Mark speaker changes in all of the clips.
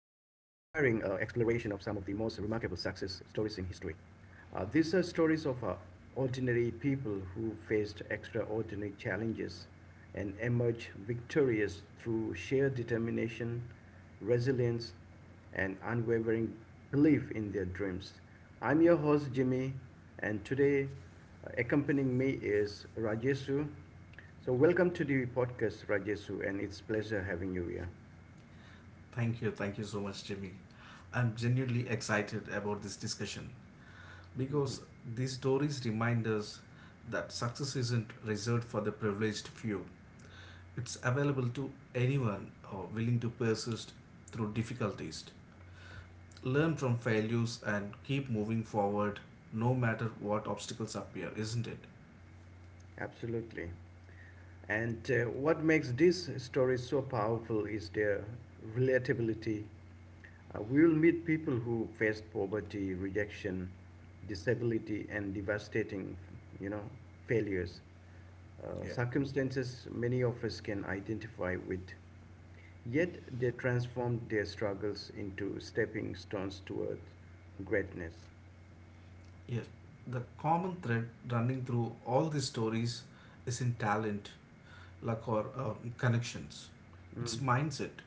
Speaker 1: of the most remarkable success stories in history. These are stories of ordinary people who faced extraordinary challenges and emerged victorious through sheer determination, resilience, and unwavering belief in their dreams. I'm your host, Jimmy, and today accompanying me is Rajesu. So, welcome to the podcast, Rajesu, and it's pleasure having you here.
Speaker 2: Thank you. Thank you so much, Jimmy. I'm genuinely excited about this discussion because these stories remind us that success isn't reserved for the privileged few. It's available to anyone willing to persist through difficulties, learn from failures, and keep moving forward no matter what obstacles appear, isn't it?
Speaker 1: Absolutely. And what makes these stories so powerful is their relatability. We will meet people who faced poverty, rejection, disability, and devastating, you know, failures.
Speaker 2: Yeah.
Speaker 1: Circumstances many of us can identify with. Yet they transformed their struggles into stepping stones toward greatness.
Speaker 2: Yes, the common thread running through all these stories is in talent, luck, or connections. It's
Speaker 1: Mm.
Speaker 2: mindset.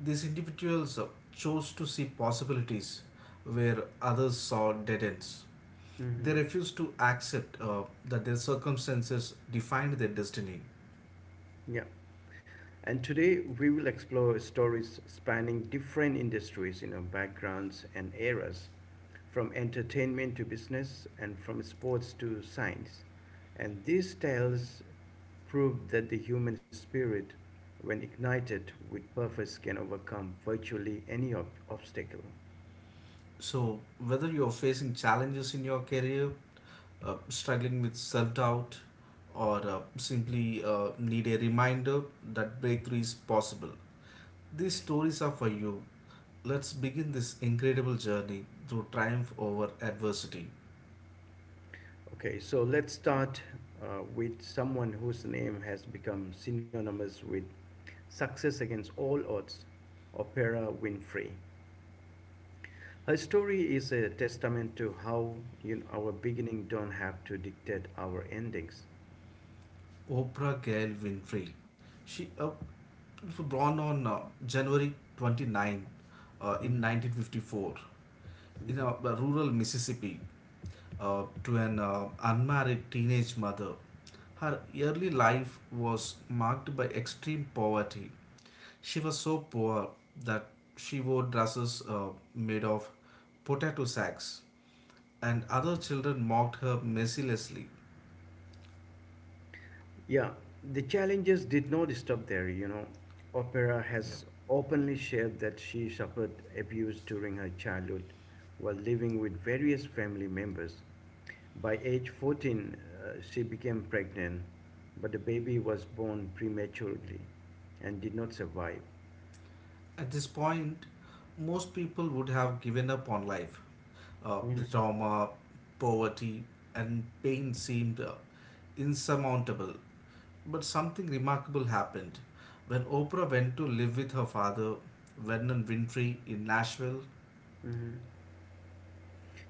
Speaker 2: These individuals chose to see possibilities where others saw dead ends. They
Speaker 1: Hmm.
Speaker 2: refused to accept that their circumstances defined their destiny.
Speaker 1: Yeah. And today we will explore stories spanning different industries, backgrounds and eras, from entertainment to business and from sports to science. And these tales prove that the human spirit, when ignited with purpose, can overcome virtually any obstacle.
Speaker 2: So, whether you're facing challenges in your career, struggling with self doubt, or simply need a reminder that breakthrough is possible, these stories are for you. Let's begin this incredible journey through triumph over adversity.
Speaker 1: Okay, so let's start with someone whose name has become synonymous with success against all odds, Oprah Winfrey. Her story is a testament to how, our beginning don't have to dictate our endings.
Speaker 2: Oprah Gail Winfrey. She was born on January 9, in 1954 in rural Mississippi, to an unmarried teenage mother. Her early life was marked by extreme poverty. She was so poor that she wore dresses made of potato sacks, and other children mocked her mercilessly.
Speaker 1: Yeah, the challenges did not stop there, Opera
Speaker 2: Yeah.
Speaker 1: has openly shared that she suffered abuse during her childhood while living with various family members. By age 14, she became pregnant, but the baby was born prematurely and did not survive.
Speaker 2: At this point, most people would have given up on life. The
Speaker 1: Mhm.
Speaker 2: trauma, poverty, and pain seemed insurmountable. But something remarkable happened. When Oprah went to live with her father, Vernon Winfrey, in Nashville.
Speaker 1: Hmm.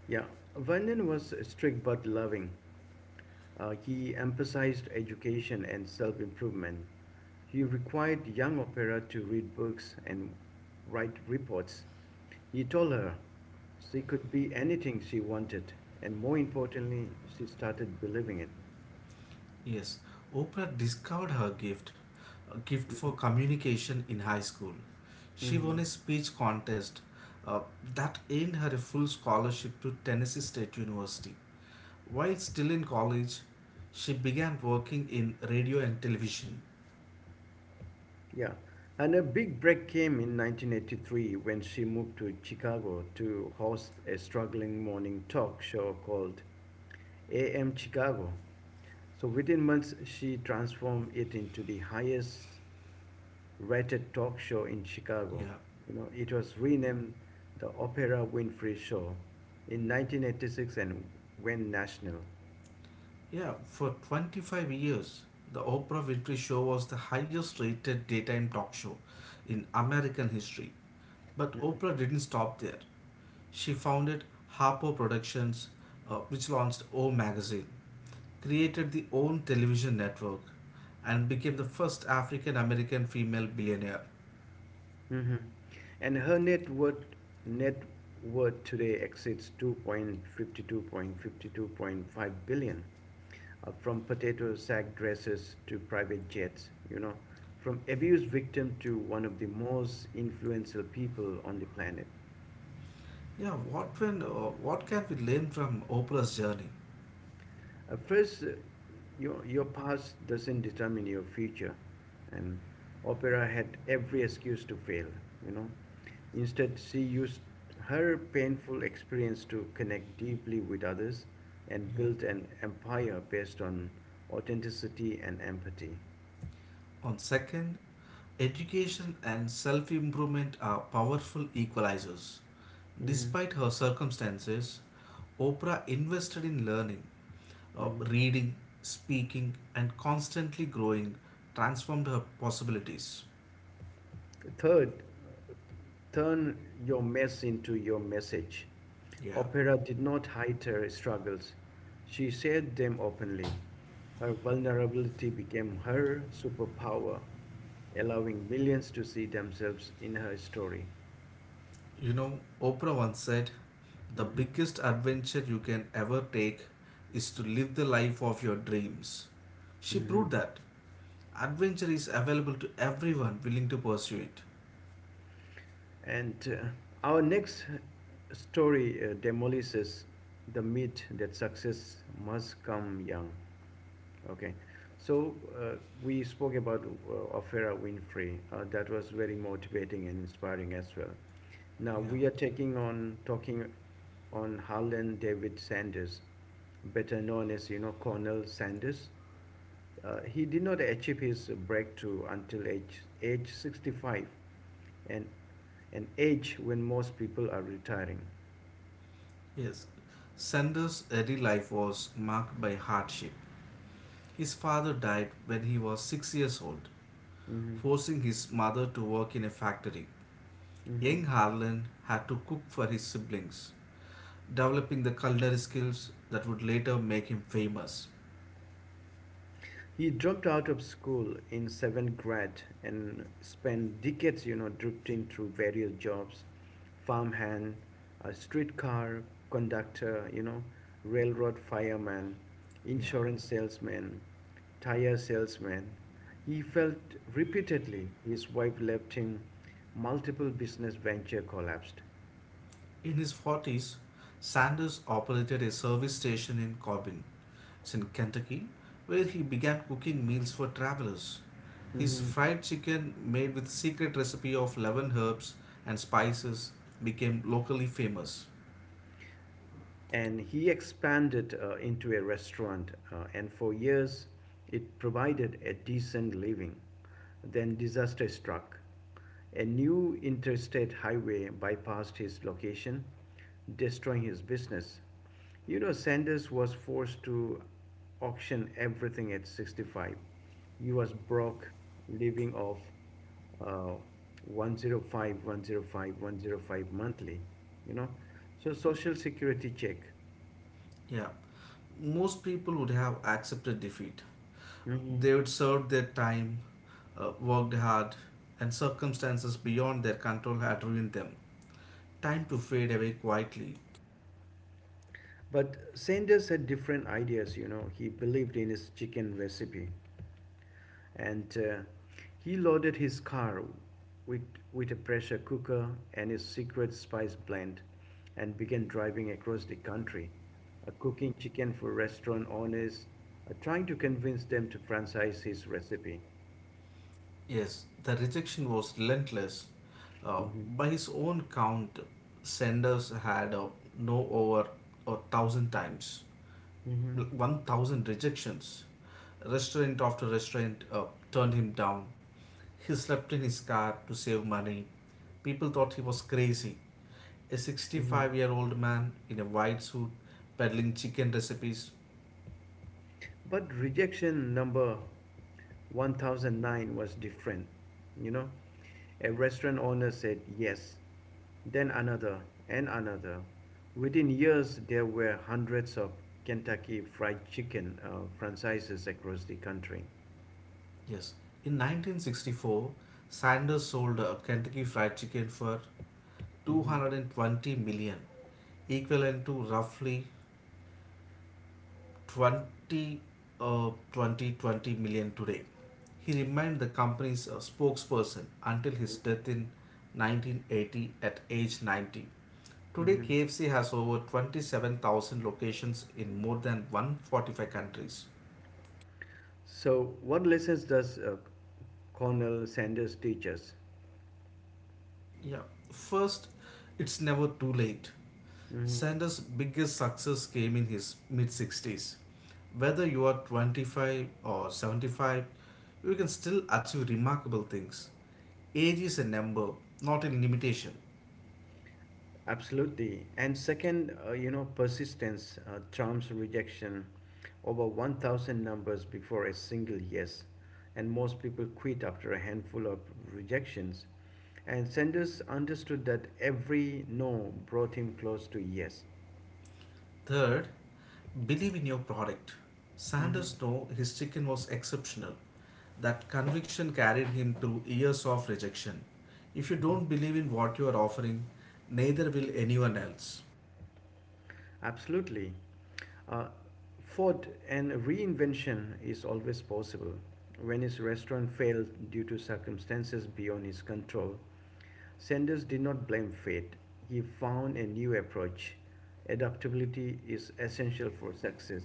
Speaker 1: Yeah, Vernon was strict but loving. He emphasized education and self improvement. He required young opera to read books and write reports. He told her she could be anything she wanted, and more importantly, she started believing it.
Speaker 2: Yes, Oprah discovered her gift, a gift for
Speaker 1: Hmm.
Speaker 2: communication in high school. She won
Speaker 1: Hmm.
Speaker 2: a speech contest uh, that earned her a full scholarship to Tennessee State University. While still in college, she began working in radio and television.
Speaker 1: Yeah, and a big break came in 1983 when she moved to Chicago to host a struggling morning talk show called AM Chicago. So within months, she transformed it into the highest rated talk show in Chicago.
Speaker 2: Yeah,
Speaker 1: You know, it was renamed the Opera Winfrey Show in 1986 and went national.
Speaker 2: yeah, for 25 years, the Oprah Winfrey Show was the highest rated daytime talk show in American history. But
Speaker 1: Mhm.
Speaker 2: Oprah didn't stop there. She founded Harpo Productions, which launched O Magazine, created the OWN television network, and became the first African American female billionaire.
Speaker 1: Hmm. And her net worth today exceeds 2.52.52.5 billion, from potato sack dresses to private jets, from abuse victim to one of the most influential people on the planet.
Speaker 2: Yeah, what can we learn from Oprah's journey?
Speaker 1: First, your past doesn't determine your future, and opera had every excuse to fail, you know. Instead, she used her painful experience to connect deeply with others and
Speaker 2: Yeah.
Speaker 1: built an empire based on authenticity and empathy.
Speaker 2: On education and self improvement are powerful equalizers.
Speaker 1: Mm-hmm.
Speaker 2: Despite her circumstances, Oprah invested in learning,
Speaker 1: Mm-hmm.
Speaker 2: reading, speaking, and constantly growing transformed her possibilities.
Speaker 1: Third, turn your mess into your message.
Speaker 2: Yeah.
Speaker 1: Opera did not hide her struggles, she shared them openly. Her vulnerability became her superpower, allowing millions to see themselves in her story.
Speaker 2: You know, Oprah once said, "The
Speaker 1: Mhm.
Speaker 2: biggest adventure you can ever take is to live the life of your dreams." She
Speaker 1: Mhm.
Speaker 2: proved that adventure is available to everyone willing to pursue it.
Speaker 1: And our next story demolishes the myth that success must come young. Okay. So we spoke about Oprah Winfrey. That was very motivating and inspiring as well. Now
Speaker 2: Yeah.
Speaker 1: we are taking on talking on Harlan David Sanders, better known as, Colonel Sanders. He did not achieve his breakthrough until age 65, and an age when most people are retiring.
Speaker 2: Yes. Sanders' early life was marked by hardship. His father died when he was 6 years old,
Speaker 1: Mm-hmm.
Speaker 2: forcing his mother to work in a factory.
Speaker 1: Mm-hmm.
Speaker 2: Young Harlan had to cook for his siblings, developing the culinary skills that would later make him famous.
Speaker 1: He dropped out of school in seventh grade and spent decades, drifting through various jobs: farmhand, a streetcar conductor, railroad fireman,
Speaker 2: Yeah.
Speaker 1: insurance salesman, tire salesman. He felt repeatedly, his wife left him, multiple business venture collapsed.
Speaker 2: In his 40s, Sanders operated a service station in Corbin, it's in Kentucky, where he began cooking meals for travelers. His
Speaker 1: Mm-hmm.
Speaker 2: fried chicken, made with secret recipe of 11 herbs and spices, became locally famous.
Speaker 1: And he expanded into a restaurant, and for years it provided a decent living. Then disaster struck. A new interstate highway bypassed his location, destroying his business. You know, Sanders was forced to auction everything. At 65 he was broke, living off uh, 105 monthly, you know. So social security check.
Speaker 2: Yeah, most people would have accepted defeat.
Speaker 1: Hmm.
Speaker 2: They would serve their time, worked hard, and circumstances beyond their control had ruined them. Time to fade away quietly.
Speaker 1: But Sanders had different ideas, He believed in his chicken recipe, and he loaded his car with a pressure cooker and his secret spice blend, and began driving across the country, cooking chicken for restaurant owners, trying to convince them to franchise his recipe.
Speaker 2: Yes, the rejection was relentless. Uh,
Speaker 1: Mhm.
Speaker 2: by his own count, Sanders had no over a thousand times.
Speaker 1: Hmm.
Speaker 2: 1,000 rejections. Restaurant after restaurant turned him down. He slept in his car to save money. People thought he was crazy. A
Speaker 1: Hmm.
Speaker 2: 65-year-old man in a white suit peddling chicken recipes.
Speaker 1: But rejection number 1009 was different, you know. A restaurant owner said yes, then another and another. Within years, there were hundreds of Kentucky Fried Chicken franchises across the country.
Speaker 2: Yes, in 1964, Sanders sold a Kentucky Fried Chicken for
Speaker 1: Hmm.
Speaker 2: 220 million, equivalent to roughly 20, uh, twenty twenty million today. He remained the company's spokesperson until his death in 1980 at age 90. Today,
Speaker 1: Hmm.
Speaker 2: KFC has over 27,000 locations in more than 145 countries.
Speaker 1: So, what lessons does Cornell Sanders teach us?
Speaker 2: Yeah, first, it's never too late.
Speaker 1: Hmm.
Speaker 2: Sanders' biggest success came in his mid 60s. Whether you are 25 or 75, you can still achieve remarkable things. Age is a number, not a limitation.
Speaker 1: Absolutely. And second, persistence trumps rejection: over 1,000 numbers before a single yes. And most people quit after a handful of rejections. And Sanders understood that every no brought him close to yes.
Speaker 2: Third, believe in your product.
Speaker 1: Hmm.
Speaker 2: Sanders knew his chicken was exceptional. That conviction carried him through years of rejection. If you don't believe in what you are offering, neither will anyone else.
Speaker 1: Absolutely. Uh, Food and reinvention is always possible. When his restaurant failed due to circumstances beyond his control, Sanders did not blame fate. He found a new approach. Adaptability is essential for success.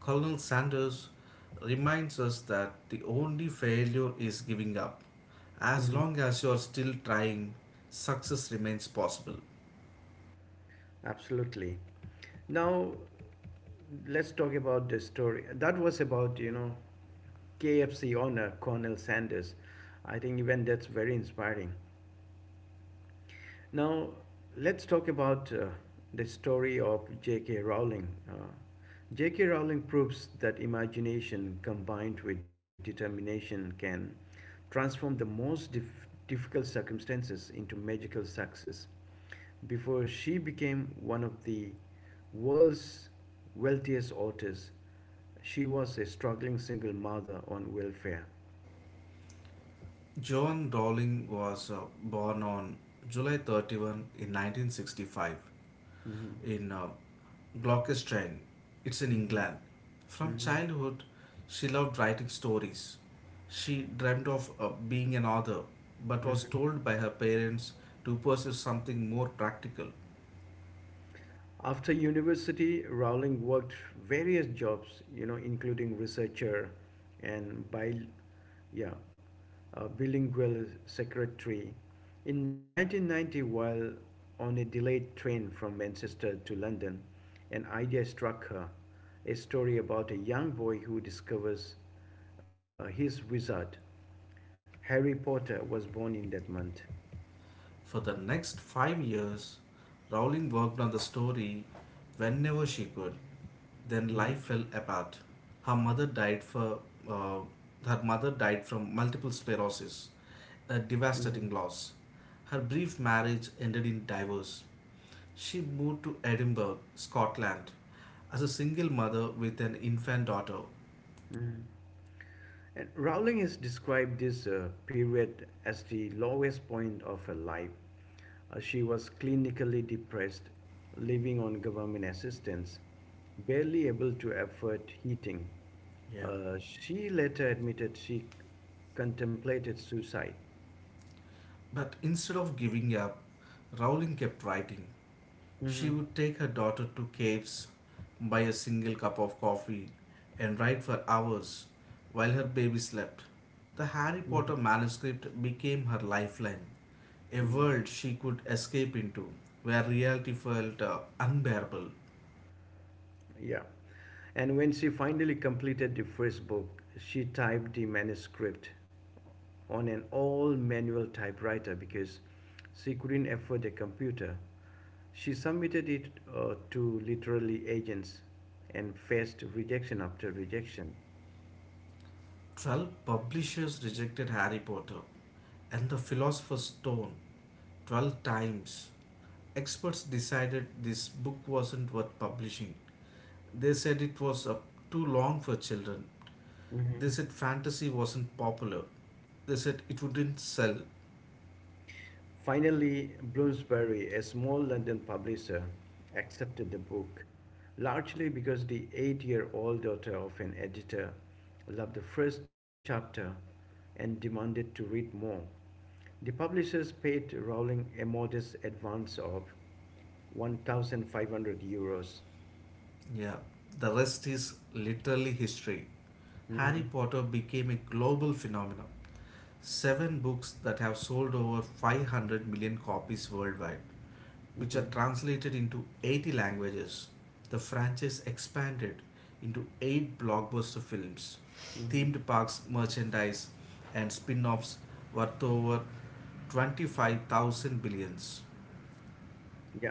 Speaker 2: Colonel Sanders reminds us that the only failure is giving up. As
Speaker 1: Mhm.
Speaker 2: long as you're still trying, success remains possible.
Speaker 1: Absolutely. Now, let's talk about the story. That was about, KFC owner Colonel Sanders. I think even that's very inspiring. Now, let's talk about the story of J.K. Rowling. J.K. Rowling proves that imagination combined with determination can transform the most difficult circumstances into magical success. Before she became one of the world's wealthiest authors, she was a struggling single mother on welfare.
Speaker 2: John Dowling was born on July 31st in 1965
Speaker 1: Mhm.
Speaker 2: in Gloucestershire. It's in
Speaker 1: Mhm.
Speaker 2: England. From
Speaker 1: Mhm.
Speaker 2: childhood, she loved writing stories. She dreamt of being an author, but was
Speaker 1: Mhm.
Speaker 2: told by her parents to pursue something more practical.
Speaker 1: After university, Rowling worked various jobs, including researcher and yeah, bilingual secretary. In 1990, while on a delayed train from Manchester to London, an idea struck her: a story about a young boy who discovers his wizard. Harry Potter was born in that month.
Speaker 2: For the next 5 years, Rowling worked on the story whenever she could. Then life
Speaker 1: Hmm.
Speaker 2: fell apart. Her mother died for uh, Her mother died from multiple sclerosis, a
Speaker 1: Hmm.
Speaker 2: devastating loss. Her brief marriage ended in divorce. She moved to Edinburgh, Scotland, as a single mother with an infant daughter.
Speaker 1: Hmm. And Rowling has described this period as the lowest point of her life. She was clinically depressed, living on government assistance, barely able to afford heating.
Speaker 2: Yeah.
Speaker 1: She later admitted she contemplated suicide.
Speaker 2: But instead of giving up, Rowling kept writing. She
Speaker 1: Mm-hmm.
Speaker 2: would take her daughter to caves, buy a single cup of coffee, and write for hours while her baby slept. The Harry
Speaker 1: Mm-hmm.
Speaker 2: Potter manuscript became her lifeline, a
Speaker 1: Mm-hmm.
Speaker 2: world she could escape into where reality felt unbearable.
Speaker 1: Yeah. And when she finally completed the first book, she typed the manuscript on an old manual typewriter because she couldn't afford a computer. She submitted it to literary agents and faced rejection after rejection.
Speaker 2: 12 publishers rejected Harry Potter and the Philosopher's Stone 12 times. Experts decided this book wasn't worth publishing. They said it was too long for children.
Speaker 1: Mm-hmm.
Speaker 2: They said fantasy wasn't popular. They said it wouldn't sell.
Speaker 1: Finally, Bloomsbury, a small London publisher, accepted the book, largely because the 8 year old daughter of an editor loved the first chapter and demanded to read more. The publishers paid Rowling a modest advance of €1,500.
Speaker 2: Yeah, the rest is literally history. Harry
Speaker 1: Hmm.
Speaker 2: Potter became a global phenomenon. Seven books that have sold over 500 million copies worldwide, which are
Speaker 1: Hmm.
Speaker 2: translated into 80 languages. The franchise expanded into eight blockbuster films.
Speaker 1: Hmm.
Speaker 2: Themed parks, merchandise, and spin offs worth over 25,000 billions.
Speaker 1: Yeah.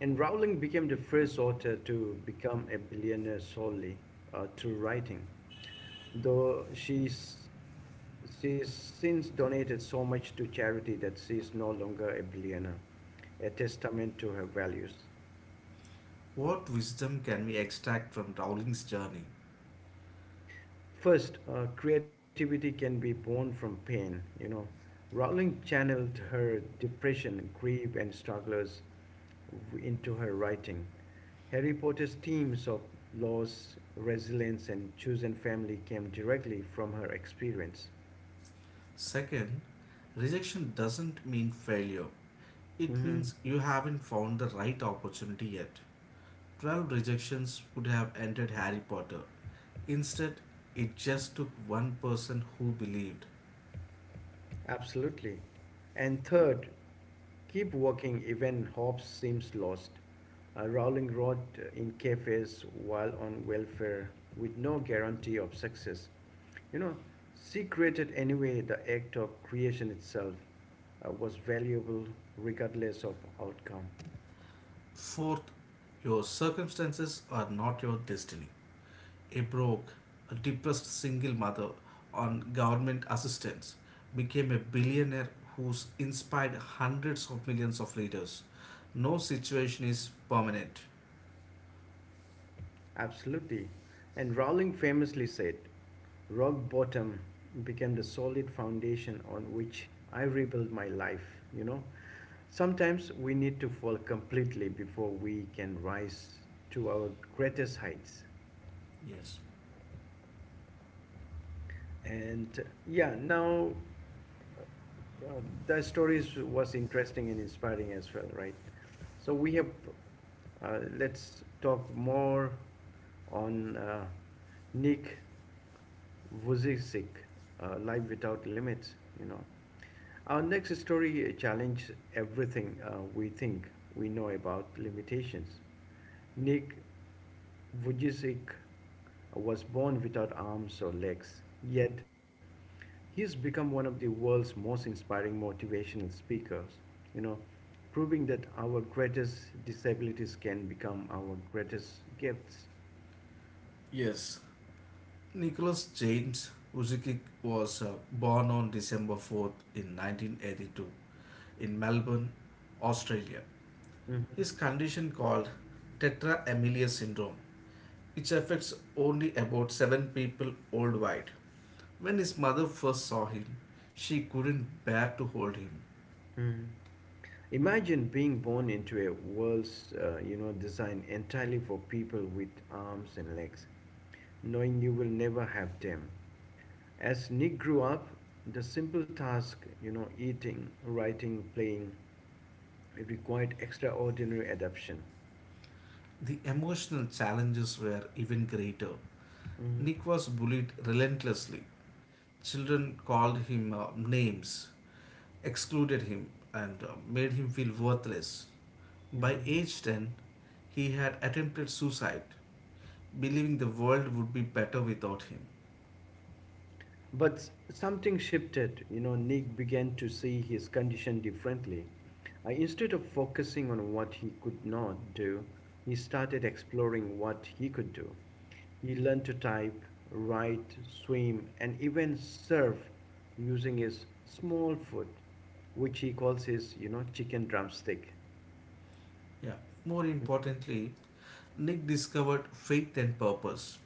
Speaker 1: And Rowling became the first author to become a billionaire solely through writing. Though she's since donated so much to charity that she is no longer a billionaire, a testament to her values.
Speaker 2: What wisdom can we extract from Rowling's journey?
Speaker 1: First, creativity can be born from pain. You know, Rowling channeled
Speaker 2: Yeah.
Speaker 1: her depression, grief, and struggles into her writing. Harry Potter's themes of loss, resilience, and chosen family came directly from her experience.
Speaker 2: Second, rejection doesn't mean failure. It
Speaker 1: Mm-hmm.
Speaker 2: means you haven't found the right opportunity yet. 12 rejections would have ended Harry Potter. Instead, it just took one person who believed.
Speaker 1: Absolutely. And third, keep working even Hobbes seems lost. Rowling wrote in cafes while on welfare with no guarantee of success. You know, she created anyway, the act of creation itself was valuable regardless of outcome.
Speaker 2: Fourth, your circumstances are not your destiny. A broke, a depressed single mother on government assistance became a billionaire who's inspired hundreds of millions of readers. No situation is permanent.
Speaker 1: Absolutely. And Rowling famously said, rock bottom became the solid foundation on which I rebuilt my life. You know, sometimes we need to fall completely before we can rise to our greatest heights.
Speaker 2: Yes.
Speaker 1: And now, uh, the stories was interesting and inspiring as well, right? So we have, let's talk more on Nick Vujicic, Life Without Limits, you know. Our next story challenges everything we think we know about limitations. Nick Vujicic was born without arms or legs, yet he has become one of the world's most inspiring motivational speakers, you know, proving that our greatest disabilities can become our greatest gifts.
Speaker 2: Yes. Nicholas James Uzikic was born on December 4th in 1982 in Melbourne, Australia.
Speaker 1: Mhm.
Speaker 2: His condition called tetra amelia syndrome, which affects only about 7 people worldwide. When his mother first saw him, she couldn't bear to hold him.
Speaker 1: Mm. Imagine being born into a world, designed entirely for people with arms and legs, knowing you will never have them. As Nick grew up, the simple task, eating, writing, playing, it required extraordinary adaptation.
Speaker 2: The emotional challenges were even greater.
Speaker 1: Mm-hmm.
Speaker 2: Nick was bullied relentlessly. Children called him names, excluded him and made him feel worthless.
Speaker 1: Mm-hmm.
Speaker 2: By age 10, he had attempted suicide, believing the world would be better without him.
Speaker 1: But something shifted. You know, Nick began to see his condition differently. Instead of focusing on what he could not do, he started exploring what he could do. He learned to type, write, swim, and even surf using his small foot, which he calls his, chicken drumstick.
Speaker 2: Yeah, more importantly, Nick discovered faith and purpose.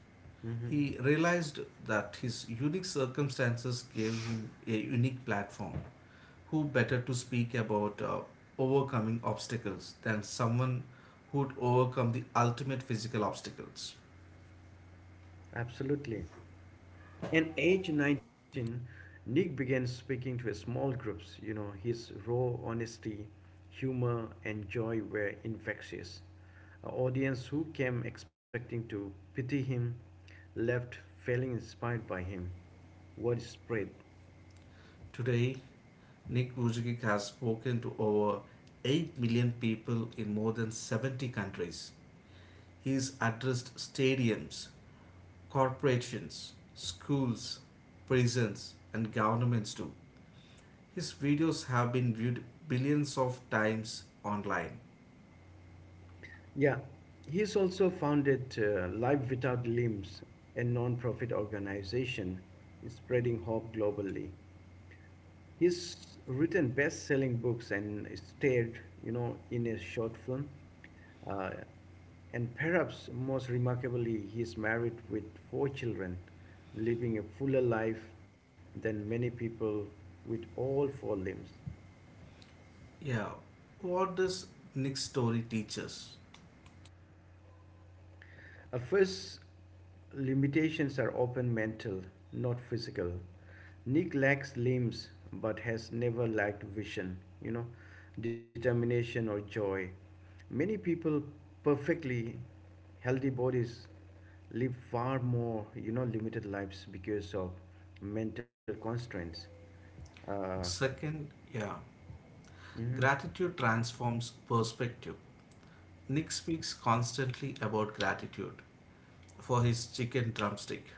Speaker 1: Mhm.
Speaker 2: He realized that his unique circumstances gave him a unique platform. Who better to speak about overcoming obstacles than someone who'd overcome the ultimate physical obstacles?
Speaker 1: Absolutely. At age 19, Nick began speaking to small groups. You know, his raw honesty, humor, and joy were infectious. An audience who came expecting to pity him left feeling inspired by him. Word spread.
Speaker 2: Today, Nick Vujicic has spoken to over 8 million people in more than 70 countries. He's addressed stadiums, corporations, schools, prisons, and governments too. His videos have been viewed billions of times online.
Speaker 1: Yeah, he's also founded Life Without Limbs, a non profit organization spreading hope globally. He's written best-selling books and starred, in a short film. Uh, and perhaps most remarkably, he's married with four children, living a fuller life than many people with all four limbs.
Speaker 2: Yeah, what does Nick's story teach us?
Speaker 1: First, limitations are often mental, not physical. Nick lacks limbs but has never lacked vision, determination or joy. Many people perfectly healthy bodies live far more, limited lives because of mental constraints. Uh,
Speaker 2: Second, yeah,
Speaker 1: mhm,
Speaker 2: gratitude transforms perspective. Nick speaks constantly about gratitude, for his chicken drumstick,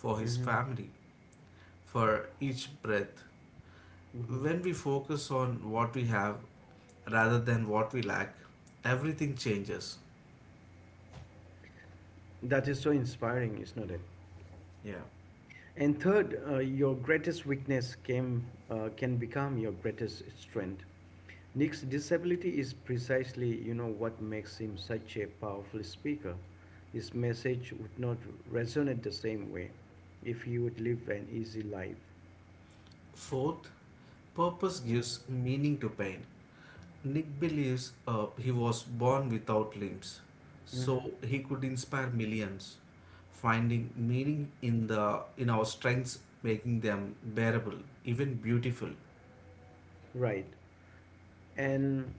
Speaker 2: for his
Speaker 1: mhm,
Speaker 2: family, for each breath.
Speaker 1: mhm.
Speaker 2: When we focus on what we have rather than what we lack, everything changes.
Speaker 1: That is so inspiring, is not it?
Speaker 2: Yeah.
Speaker 1: And third, your greatest weakness can become your greatest strength. Nick's disability is precisely, what makes him such a powerful speaker. His message would not resonate the same way if he would live an easy life.
Speaker 2: Fourth, purpose gives meaning to pain. Nick believes he was born without limbs,
Speaker 1: Mm-hmm.
Speaker 2: so he could inspire millions, finding meaning in the in our strengths, making them bearable, even beautiful.
Speaker 1: Right. And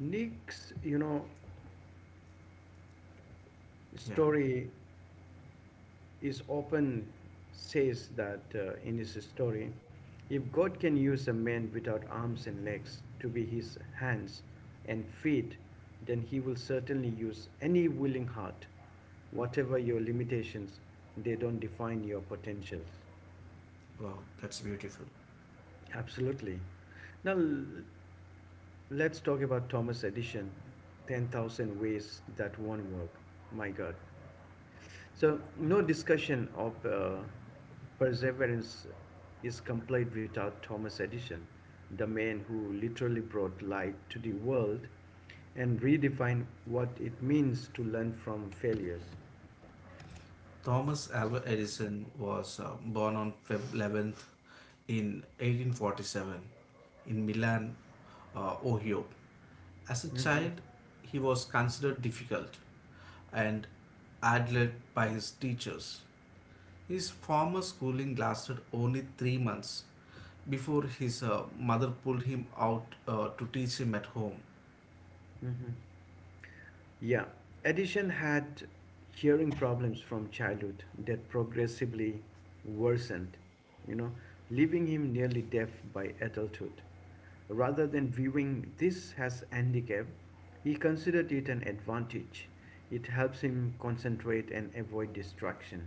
Speaker 1: Nick's,
Speaker 2: Yeah.
Speaker 1: story is often says that in his story, if God can use a man without arms and legs to be his hands and feet, then he will certainly use any willing heart. Whatever your limitations, they don't define your potentials.
Speaker 2: Wow, that's beautiful.
Speaker 1: Absolutely. Now let's talk about Thomas Edison, 10,000 ways that won't work. My God. So, no
Speaker 2: Yeah.
Speaker 1: discussion of perseverance is complete without Thomas Edison, the man who literally brought light to the world and redefined what it means to learn from failures.
Speaker 2: Thomas Alva Edison was born on February 11th in 1847 in Milan, Ohio. As a
Speaker 1: Hmm.
Speaker 2: child, he was considered difficult and admired by his teachers. His formal schooling lasted only 3 months before his mother pulled him out to teach him at home.
Speaker 1: Hmm. Yeah, Edison had hearing problems from childhood that progressively worsened, leaving him nearly deaf by adulthood. Rather than viewing this as a handicap, he considered it an advantage. It helps him concentrate and avoid distraction.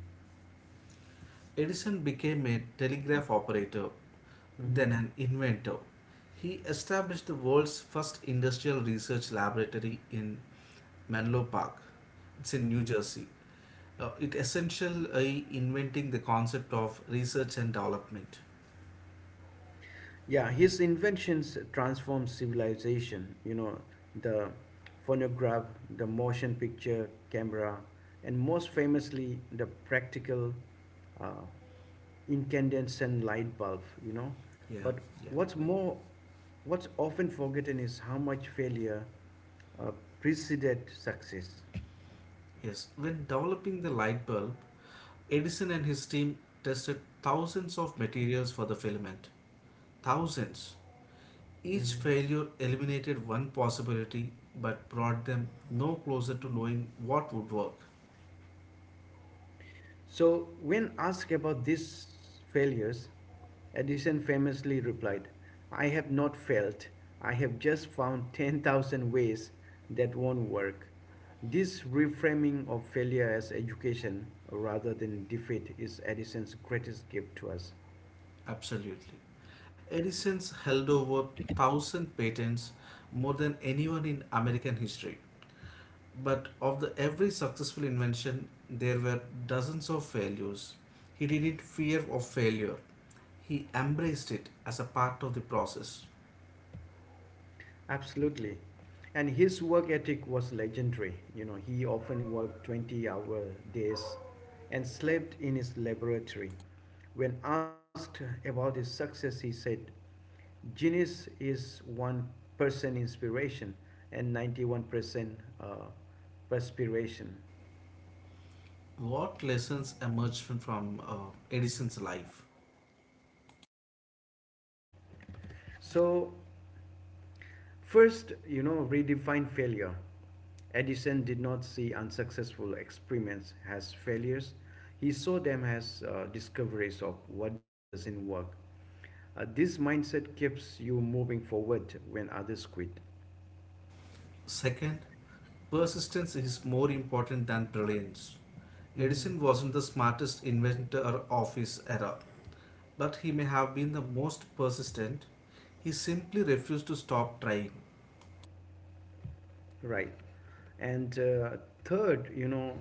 Speaker 2: Edison became a telegraph operator,
Speaker 1: Mm-hmm.
Speaker 2: then an inventor. He established the world's first industrial research laboratory in Menlo Park. It's in New
Speaker 1: Mm-hmm.
Speaker 2: Jersey. It essentially inventing the concept of research and development.
Speaker 1: Yeah, his inventions transformed civilization. The phonograph, the motion picture camera, and most famously, the practical uh, incandescent light bulb.
Speaker 2: Yeah,
Speaker 1: But
Speaker 2: yeah.
Speaker 1: what's more, what's often forgotten is how much failure uh, preceded success.
Speaker 2: Yes. When developing the light bulb, Edison and his team tested thousands of materials for the filament. Thousands.
Speaker 1: Mhm.
Speaker 2: Each failure eliminated one possibility but brought them no closer to knowing what would work.
Speaker 1: So, when asked about these failures, Edison famously replied, "I have not failed. I have just found 10,000 ways that won't work." This reframing of failure as education rather than defeat is Edison's greatest gift to us.
Speaker 2: Absolutely. Edison's held over 1000 patents, more than anyone in American history. But of the every successful invention, there were dozens of failures. He didn't fear of failure. He embraced it as a part of the process.
Speaker 1: Absolutely. And his work ethic was legendary. He often worked 20-hour days and slept in his laboratory. When asked about his success, he said, "Genius is 1% inspiration and 91% uh, perspiration."
Speaker 2: What lessons emerged from Edison's life?
Speaker 1: So, first, redefine failure. Edison did not see unsuccessful experiments as failures. He saw them as discoveries of what doesn't work. This mindset keeps you moving forward when others quit.
Speaker 2: Second, persistence is more important than brilliance. Edison wasn't the smartest inventor of his era, but he may have been the most persistent. He simply refused to stop trying.
Speaker 1: Right. And third,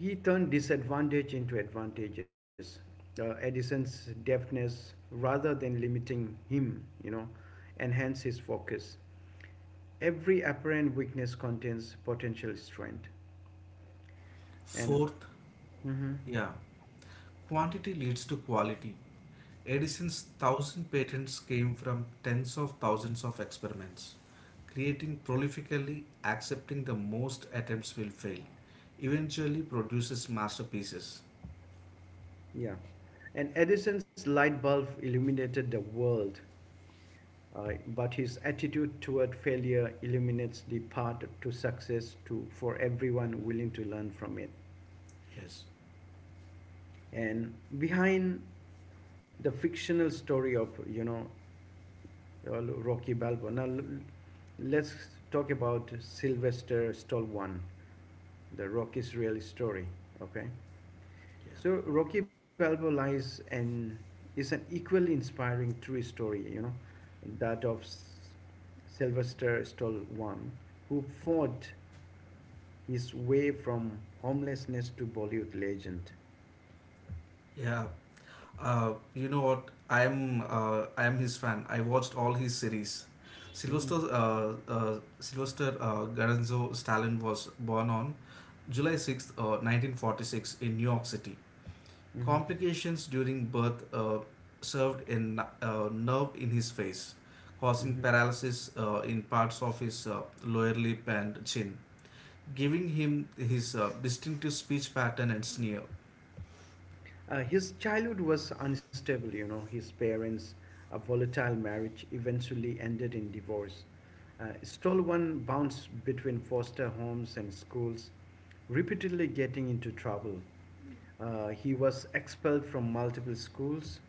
Speaker 1: he turned disadvantage into advantages. Edison's deafness, rather than limiting him, enhanced his focus. Every apparent weakness contains potential strength. and
Speaker 2: Fourth,
Speaker 1: mhm,
Speaker 2: yeah, quantity leads to quality. Edison's thousand patents came from tens of thousands of experiments. Creating prolifically, accepting the most attempts will fail, eventually produces masterpieces.
Speaker 1: yeah, and Edison's light bulb illuminated the world, but his attitude toward failure illuminates the path to success, to for everyone willing to learn from it.
Speaker 2: Yes.
Speaker 1: And behind the fictional story of Rocky Balboa, now let's talk about Sylvester Stallone, the Rocky's real story. Okay.
Speaker 2: Yeah.
Speaker 1: So Rocky Balboa lies and is an equally inspiring true story, that of Sylvester Stallone, who fought his way from homelessness to Bollywood legend.
Speaker 2: Yeah. You know what? I'm his fan. I watched all his series.
Speaker 1: Mhm,
Speaker 2: Sylvester Garanzo Stalin was born on July 6th, 1946 in New York City.
Speaker 1: mhm,
Speaker 2: Complications during birth served a nerve in his face, causing
Speaker 1: mhm.
Speaker 2: paralysis in parts of his lower lip and chin, giving him his distinctive speech pattern and sneer.
Speaker 1: His childhood was unstable. His parents, a volatile marriage, eventually ended in divorce. Stallone bounced between foster homes and schools, repeatedly getting into trouble. He was expelled from multiple schools.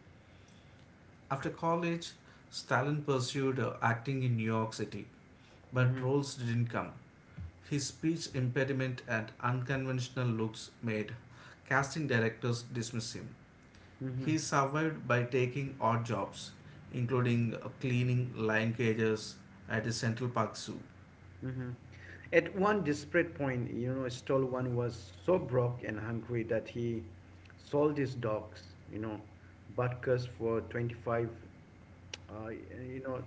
Speaker 2: After college, Stalin pursued acting in New York City, but
Speaker 1: Hmm.
Speaker 2: roles didn't come. His speech impediment and unconventional looks made casting directors dismiss him.
Speaker 1: Hmm.
Speaker 2: He survived by taking odd jobs, including cleaning lion cages at the Central Park Zoo.
Speaker 1: Hmm. At one desperate point, Stolwan was so broke and hungry that he sold his dogs, Butkus, for 25, uh, you know,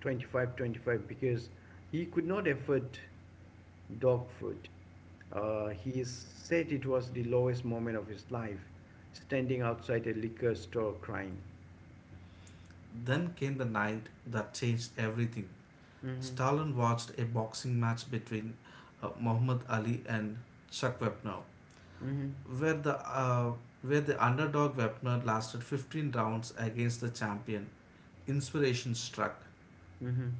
Speaker 1: 25, 25, because he could not afford dog food. He said it was the lowest moment of his life, standing outside a liquor store crying.
Speaker 2: Then came the night that changed everything.
Speaker 1: Hmm.
Speaker 2: Stalin watched a boxing match between Muhammad Ali and Chuck Wepner,
Speaker 1: Hmm.
Speaker 2: where the uh, where the underdog weaponer lasted 15 rounds against the champion. Inspiration struck.
Speaker 1: Hmm.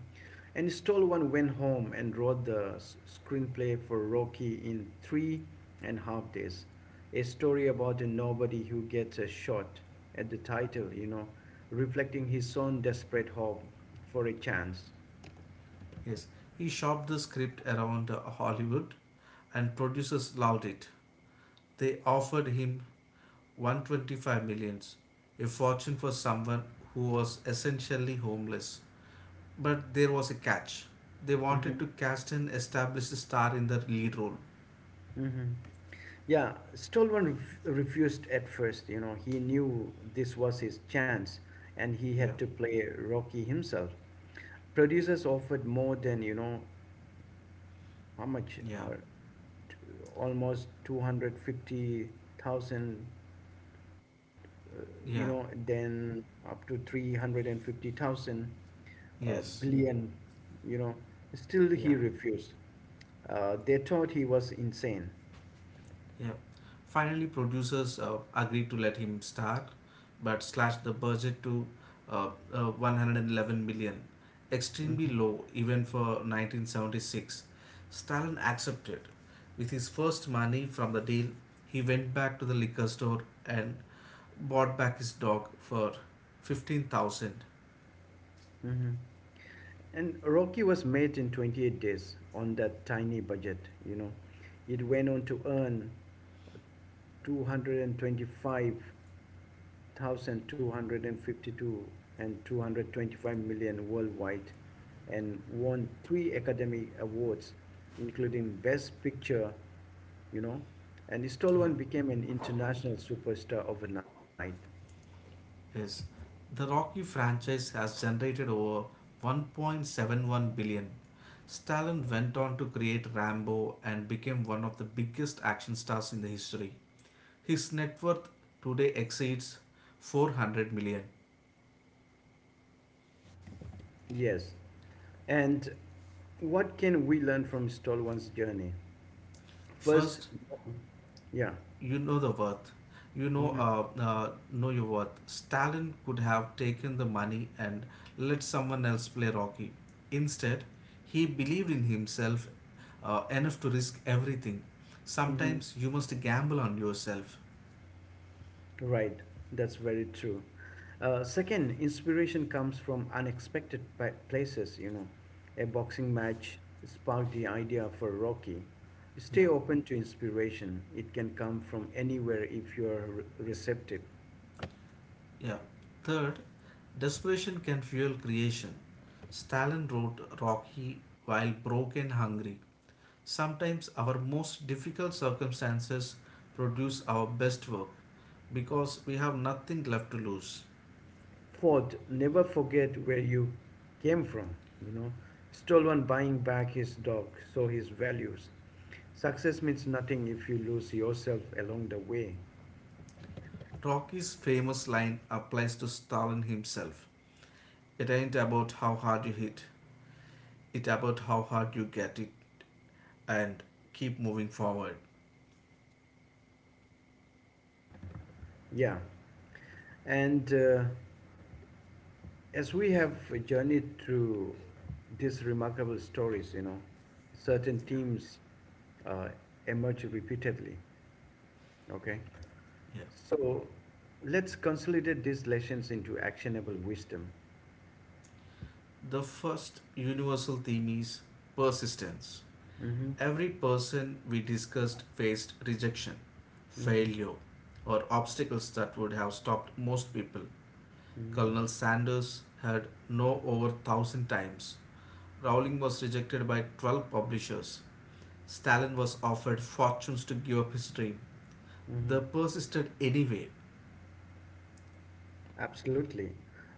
Speaker 1: And Stallone went home and wrote the screenplay for Rocky in 3.5 days. A story about a nobody who gets a shot at the title, reflecting his own desperate hope for a chance.
Speaker 2: Yes, he shopped the script around Hollywood, and producers loved it. They offered him 125 millions, a fortune for someone who was essentially homeless. But there was a catch. They wanted
Speaker 1: Hmm.
Speaker 2: to cast an established star in the lead role.
Speaker 1: Hmm. Yeah, Stallone refused at first. He knew this was his chance, and he had
Speaker 2: Yeah,
Speaker 1: to play Rocky himself. Producers offered more than, you know how much
Speaker 2: yeah,
Speaker 1: are almost 250,000, uh,
Speaker 2: yeah,
Speaker 1: then up to 350,000, uh,
Speaker 2: yes,
Speaker 1: billion, you know still he
Speaker 2: yeah.
Speaker 1: refused. They thought he was insane.
Speaker 2: Yeah. Finally, producers agreed to let him star, but slashed the budget to 111 million, extremely
Speaker 1: Hmm.
Speaker 2: low even for 1976. Stalin accepted. With his first money from the deal, he went back to the liquor store and bought back his dog for 15,000.
Speaker 1: Hmm. And Rocky was made in 28 days on that tiny budget, you know. It went on to earn 225,252 and 225 million worldwide, and won three Academy Awards, including Best Picture, you know. And
Speaker 2: Yeah.
Speaker 1: Stallone became an international superstar overnight.
Speaker 2: is the Rocky franchise has generated over 1.71 billion dollars. Stallone went on to create Rambo and became one of the biggest action stars in the history. His net worth today exceeds 400 million dollars.
Speaker 1: Yes. And what can we learn from Stallman's journey? First,
Speaker 2: First,
Speaker 1: yeah.
Speaker 2: you know the worth you
Speaker 1: Hmm.
Speaker 2: know your worth. Stalin could have taken the money and let someone else play Rocky. Instead, he believed in himself enough to risk everything. Sometimes you must gamble on yourself.
Speaker 1: Right, that's very true. Second, inspiration comes from unexpected places. A boxing match sparked the idea for Rocky.
Speaker 2: Yeah,
Speaker 1: Stay open to inspiration, it can come from anywhere if you are receptive.
Speaker 2: yeah. Third, desperation can fuel creation. Stalin wrote Rocky while broke and hungry. Sometimes our most difficult circumstances produce our best work because we have nothing left to lose.
Speaker 1: Fourth, never forget where you came from, you know. Stallman buying back his dog, so his values. Success means nothing if you lose yourself along the way.
Speaker 2: Rocky's famous line applies to Stalin himself. It ain't about how hard you hit, it's about how hard you get it and keep moving forward.
Speaker 1: Yeah. And as we have journeyed through these remarkable stories, certain
Speaker 2: Yeah.
Speaker 1: themes uh, emerge repeatedly. Okay.
Speaker 2: Yeah.
Speaker 1: So let's consolidate these lessons into actionable wisdom.
Speaker 2: The first universal theme is persistence.
Speaker 1: Mm-hmm.
Speaker 2: Every person we discussed faced rejection,
Speaker 1: Mm-hmm.
Speaker 2: failure, or obstacles that would have stopped most people.
Speaker 1: Mm-hmm.
Speaker 2: Colonel Sanders had no over thousand times. Rowling was rejected by 12 publishers. Stalin was offered fortunes to give up his dream.
Speaker 1: Mm-hmm.
Speaker 2: They persisted anyway.
Speaker 1: Absolutely.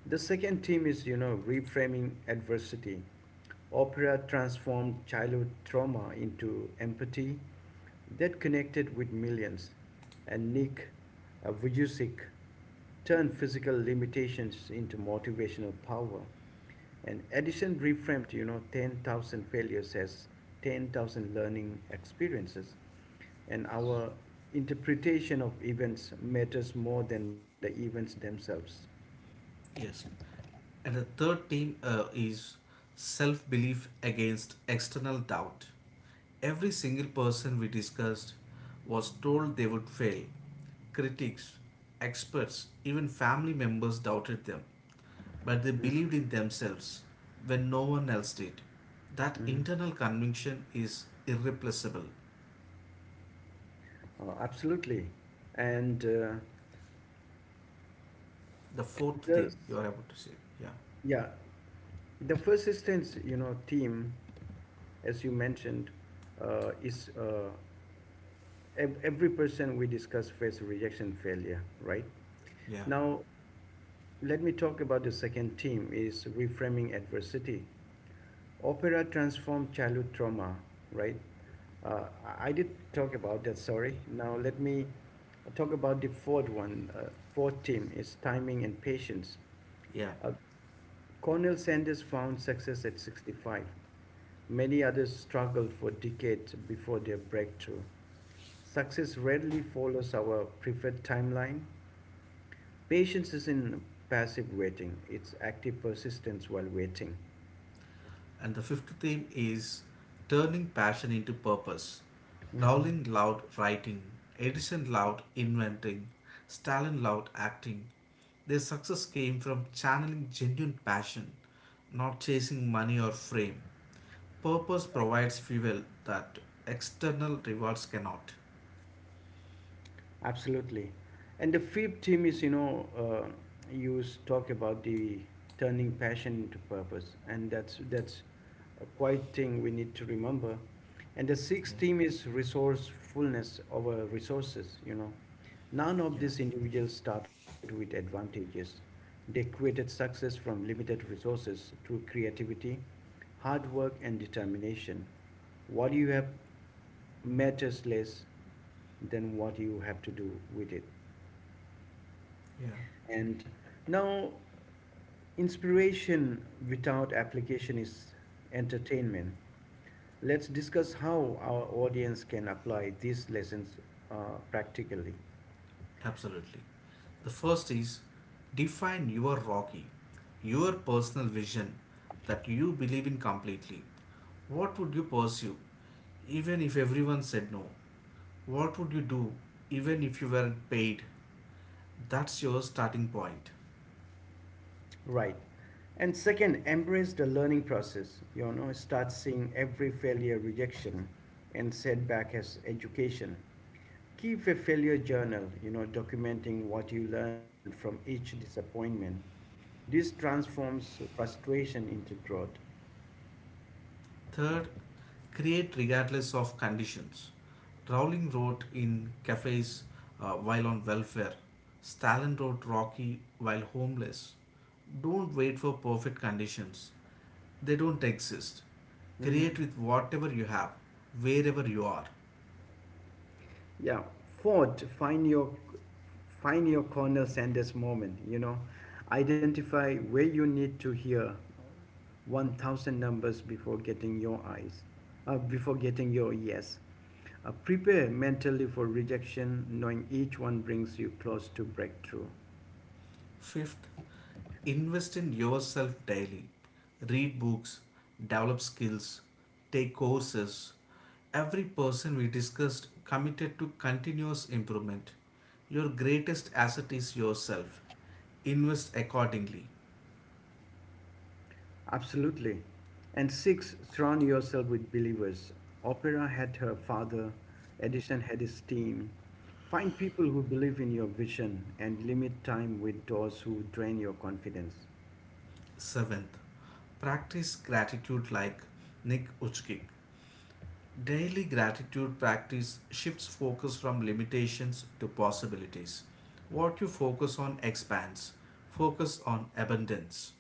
Speaker 1: The second theme is, reframing adversity. Opera transformed childhood trauma into empathy that connected with millions. And Nick, Vujicic, turned physical limitations into motivational power. And Edison reframed, 10,000 failures as 10,000 learning experiences. And our interpretation of events matters more than the events themselves.
Speaker 2: Yes. And the third team is self belief against external doubt. Every single person we discussed was told they would fail. Critics, experts, even family members doubted them. But they believed in themselves when no one else did. That
Speaker 1: Mhm.
Speaker 2: internal conviction is irreplaceable.
Speaker 1: Absolutely. And uh,
Speaker 2: The fourth
Speaker 1: the,
Speaker 2: thing you are about to say. Yeah,
Speaker 1: yeah, the first assistance, team, as you mentioned, is every person we discuss face rejection failure, right?
Speaker 2: yeah,
Speaker 1: Now, let me talk about the second team, is reframing adversity. Opera transformed childhood trauma, right? I did talk about that, sorry. Now let me talk about the fourth one. Fourth team is timing and patience.
Speaker 2: yeah.
Speaker 1: Uh, Cornel Sanders found success at 65. Many others struggled for decades before their breakthrough. Success rarely follows our preferred timeline. Patience isn't passive waiting, it's active persistence while waiting.
Speaker 2: And the fifth theme is turning passion into purpose.
Speaker 1: Mhm.
Speaker 2: Rowling loved writing, Edison loved inventing, Stalin loved acting. Their success came from channeling genuine passion, not chasing money or fame. Purpose provides fuel that external rewards cannot.
Speaker 1: Absolutely. And the fifth theme is, talk about the turning passion into purpose, and that's a quite thing we need to remember. And the
Speaker 2: Yeah,
Speaker 1: sixth theme is resourcefulness over resources. None of
Speaker 2: yeah,
Speaker 1: these individuals started with advantages. They created success from limited resources through creativity, hard work, and determination. What do you have matters less than what you have to do with it.
Speaker 2: yeah.
Speaker 1: And now, inspiration without application is entertainment. Let's discuss how our audience can apply these lessons uh, practically.
Speaker 2: Absolutely. The first is define your Rocky, your personal vision that you believe in completely. What would you pursue even if everyone said no? What would you do even if you weren't paid? That's your starting point.
Speaker 1: Right. And second, embrace the learning process. Start seeing every failure, rejection, and setback as education. Keep a failure journal, documenting what you learned from each disappointment. This transforms frustration into growth.
Speaker 2: Third, create regardless of conditions. Rowling wrote in cafes while on welfare. Stalin wrote Rocky while homeless. Don't wait for perfect conditions, they don't exist.
Speaker 1: Hmm.
Speaker 2: Create with whatever you have, wherever you are.
Speaker 1: Yeah. Fourth, find your Cornell Sanders moment. Identify where you need to hear 1,000 numbers before getting your yes. Prepare mentally for rejection, knowing each one brings you close to breakthrough.
Speaker 2: Fifth, invest in yourself daily. Read books, develop skills, take courses. Every person we discussed committed to continuous improvement. Your greatest asset is yourself. Invest accordingly.
Speaker 1: Absolutely. And six, surround yourself with believers. Opera had her father, Edison had his team. Find people who believe in your vision and limit time with those who drain your confidence.
Speaker 2: Seventh, practice gratitude like Nick Uchkik. Daily gratitude practice shifts focus from limitations to possibilities. What you focus on expands. Focus on abundance.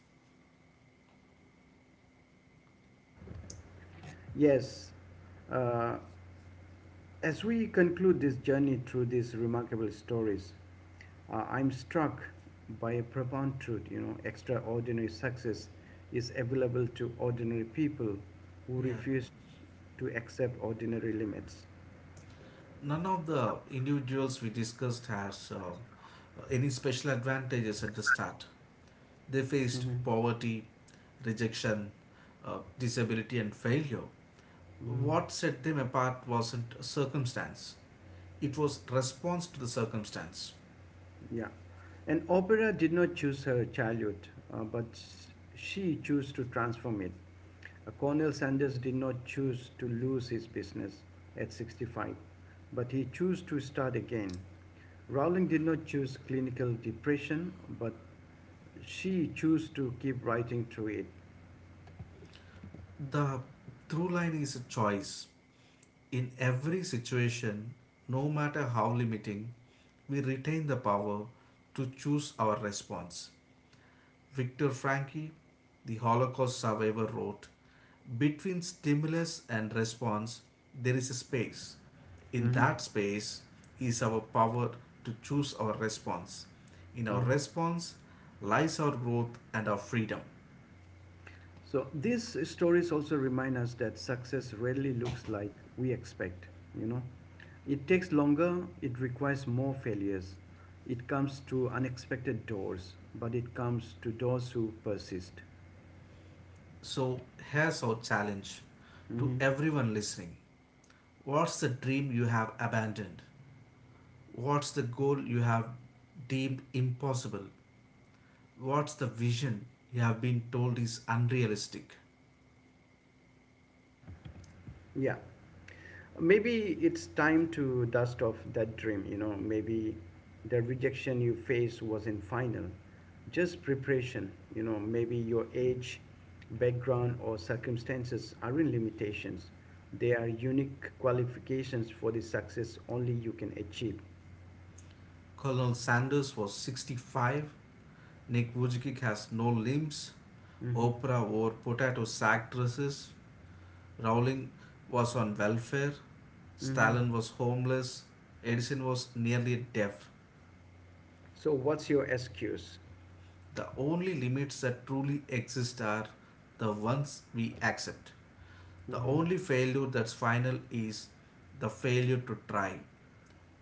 Speaker 1: Yes, uh, as we conclude this journey through these remarkable stories. I'm struck by a profound truth, extraordinary success is available to ordinary people who
Speaker 2: Yeah.
Speaker 1: refuse to accept ordinary limits.
Speaker 2: None of the individuals we discussed has any special advantages at the start. They
Speaker 1: Hmm.
Speaker 2: faced poverty, rejection, disability, and failure.
Speaker 1: Mm,
Speaker 2: What set them apart wasn't circumstance, it was response to the circumstance.
Speaker 1: yeah. And Opera did not choose her childhood, but she chose to transform it. Cornel Sanders did not choose to lose his business at 65, but he chose to start again. Rowling did not choose clinical depression, but she chose to keep writing through it.
Speaker 2: The through line is a choice. In every situation, no matter how limiting, we retain the power to choose our response. Viktor Frankl, the Holocaust survivor, wrote, "Between stimulus and response, there is a space. In
Speaker 1: Mm-hmm.
Speaker 2: that space is our power to choose our response. In our
Speaker 1: Mm-hmm.
Speaker 2: response lies our growth and our freedom."
Speaker 1: So these stories also remind us that success rarely looks like we expect, you know. It takes longer, it requires more failures. It comes to unexpected doors, but it comes to those who persist.
Speaker 2: So, here's our challenge to
Speaker 1: Mm-hmm.
Speaker 2: everyone listening. What's the dream you have abandoned? What's the goal you have deemed impossible? What's the vision you have been told is unrealistic?
Speaker 1: Yeah. Maybe it's time to dust off that dream. Maybe the rejection you faced wasn't final, just preparation. Maybe your age, background, or circumstances aren't limitations, they are unique qualifications for the success only you can achieve.
Speaker 2: Colonel Sanders was 65. Nick Vujicic has no limbs.
Speaker 1: Hmm.
Speaker 2: Oprah wore potato sack dresses. Rowling was on welfare.
Speaker 1: Hmm.
Speaker 2: Stalin was homeless. Edison was nearly deaf.
Speaker 1: So, what's your excuse?
Speaker 2: The only limits that truly exist are the ones we accept. The
Speaker 1: Hmm.
Speaker 2: only failure that's final is the failure to try.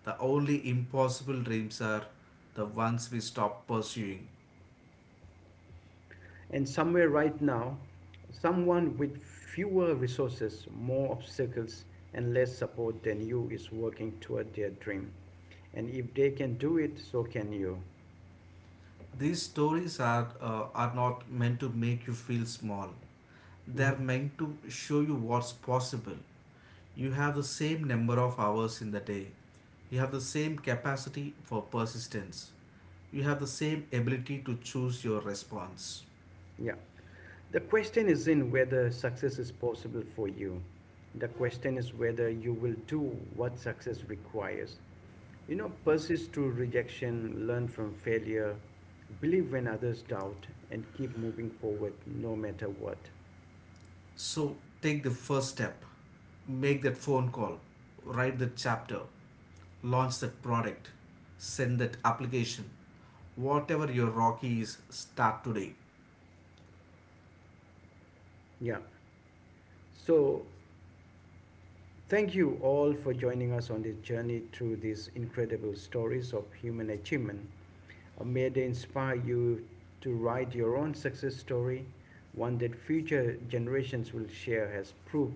Speaker 2: The only impossible dreams are the ones we stop pursuing.
Speaker 1: And somewhere right now, someone with fewer resources, more obstacles, and less support than you is working toward their dream. And if they can do it, so can you.
Speaker 2: These stories are not meant to make you feel small, they
Speaker 1: Mhm.
Speaker 2: are meant to show you what's possible. You have the same number of hours in the day, you have the same capacity for persistence, you have the same ability to choose your response.
Speaker 1: Yeah. The question is in whether success is possible for you. The question is whether you will do what success requires. Persist through rejection, learn from failure, believe when others doubt, and keep moving forward no matter what.
Speaker 2: So take the first step, make that phone call, write that chapter, launch that product, send that application. Whatever your rocky is, start today.
Speaker 1: Yeah. So, thank you all for joining us on this journey through these incredible stories of human achievement. May they inspire you to write your own success story, one that future generations will share as proof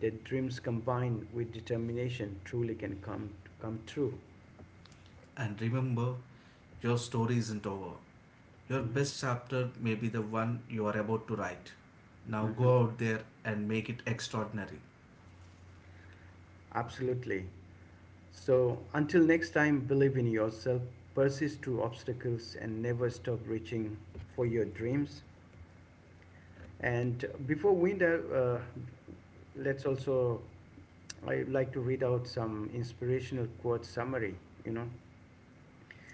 Speaker 1: that dreams combined with determination truly can come true.
Speaker 2: And remember, your story isn't over. Your
Speaker 1: Mhm.
Speaker 2: best chapter may be the one you are about to write. Now
Speaker 1: Mhm.
Speaker 2: go out there and make it extraordinary.
Speaker 1: Absolutely. So, until next time, believe in yourself, persist through obstacles, and never stop reaching for your dreams. And before winter, let's also, I like to read out some inspirational quote summary, you know.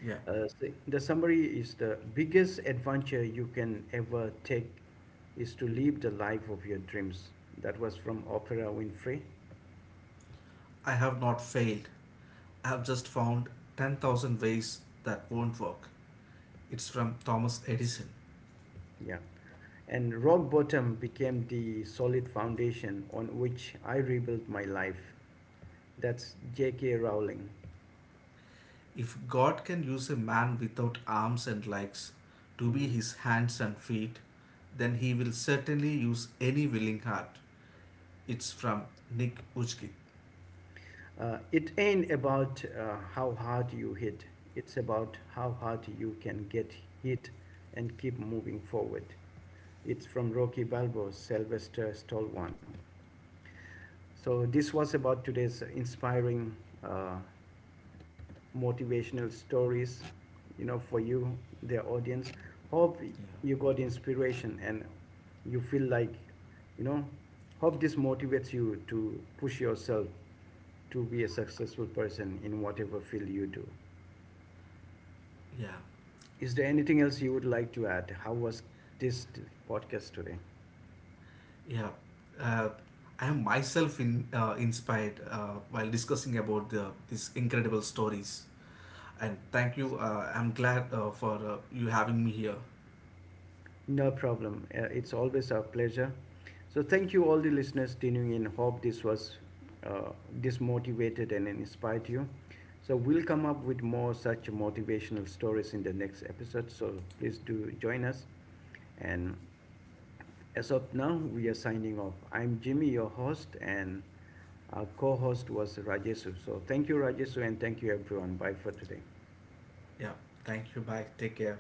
Speaker 2: Yeah,
Speaker 1: So the summary is: the biggest adventure you can ever take is to live the life of your dreams. That was from Oprah Winfrey.
Speaker 2: I have not failed. I have just found 10,000 ways that won't work. It's from Thomas Edison.
Speaker 1: Yeah. And rock bottom became the solid foundation on which I rebuilt my life. That's J.K. Rowling.
Speaker 2: If God can use a man without arms and legs to be
Speaker 1: Mhm.
Speaker 2: his hands and feet, then he will certainly use any willing heart. It's from Nick Uchki.
Speaker 1: It ain't about how hard you hit, it's about how hard you can get hit and keep moving forward. It's from Rocky Balboa's Sylvester Stallone. So this was about today's inspiring uh, motivational stories, for you, the audience. Hope
Speaker 2: Yeah,
Speaker 1: you got inspiration and you feel like, you know, hope this motivates you to push yourself to be a successful person in whatever field you do.
Speaker 2: yeah,
Speaker 1: Is there anything else you would like to add? How was this podcast today?
Speaker 2: yeah. Uh, I am myself inspired while discussing about these incredible stories. And thank you. I'm glad for you having me here.
Speaker 1: No problem. It's always our pleasure. So thank you all the listeners tuning in. Hope this motivated and inspired you. So we'll come up with more such motivational stories in the next episode. So please do join us. And as of now, we are signing off. I'm Jimmy, your host, and our co-host was Rajesu. So thank you, Rajesu, and thank you everyone. Bye for today.
Speaker 2: Yeah, thank you. Bye. Take care.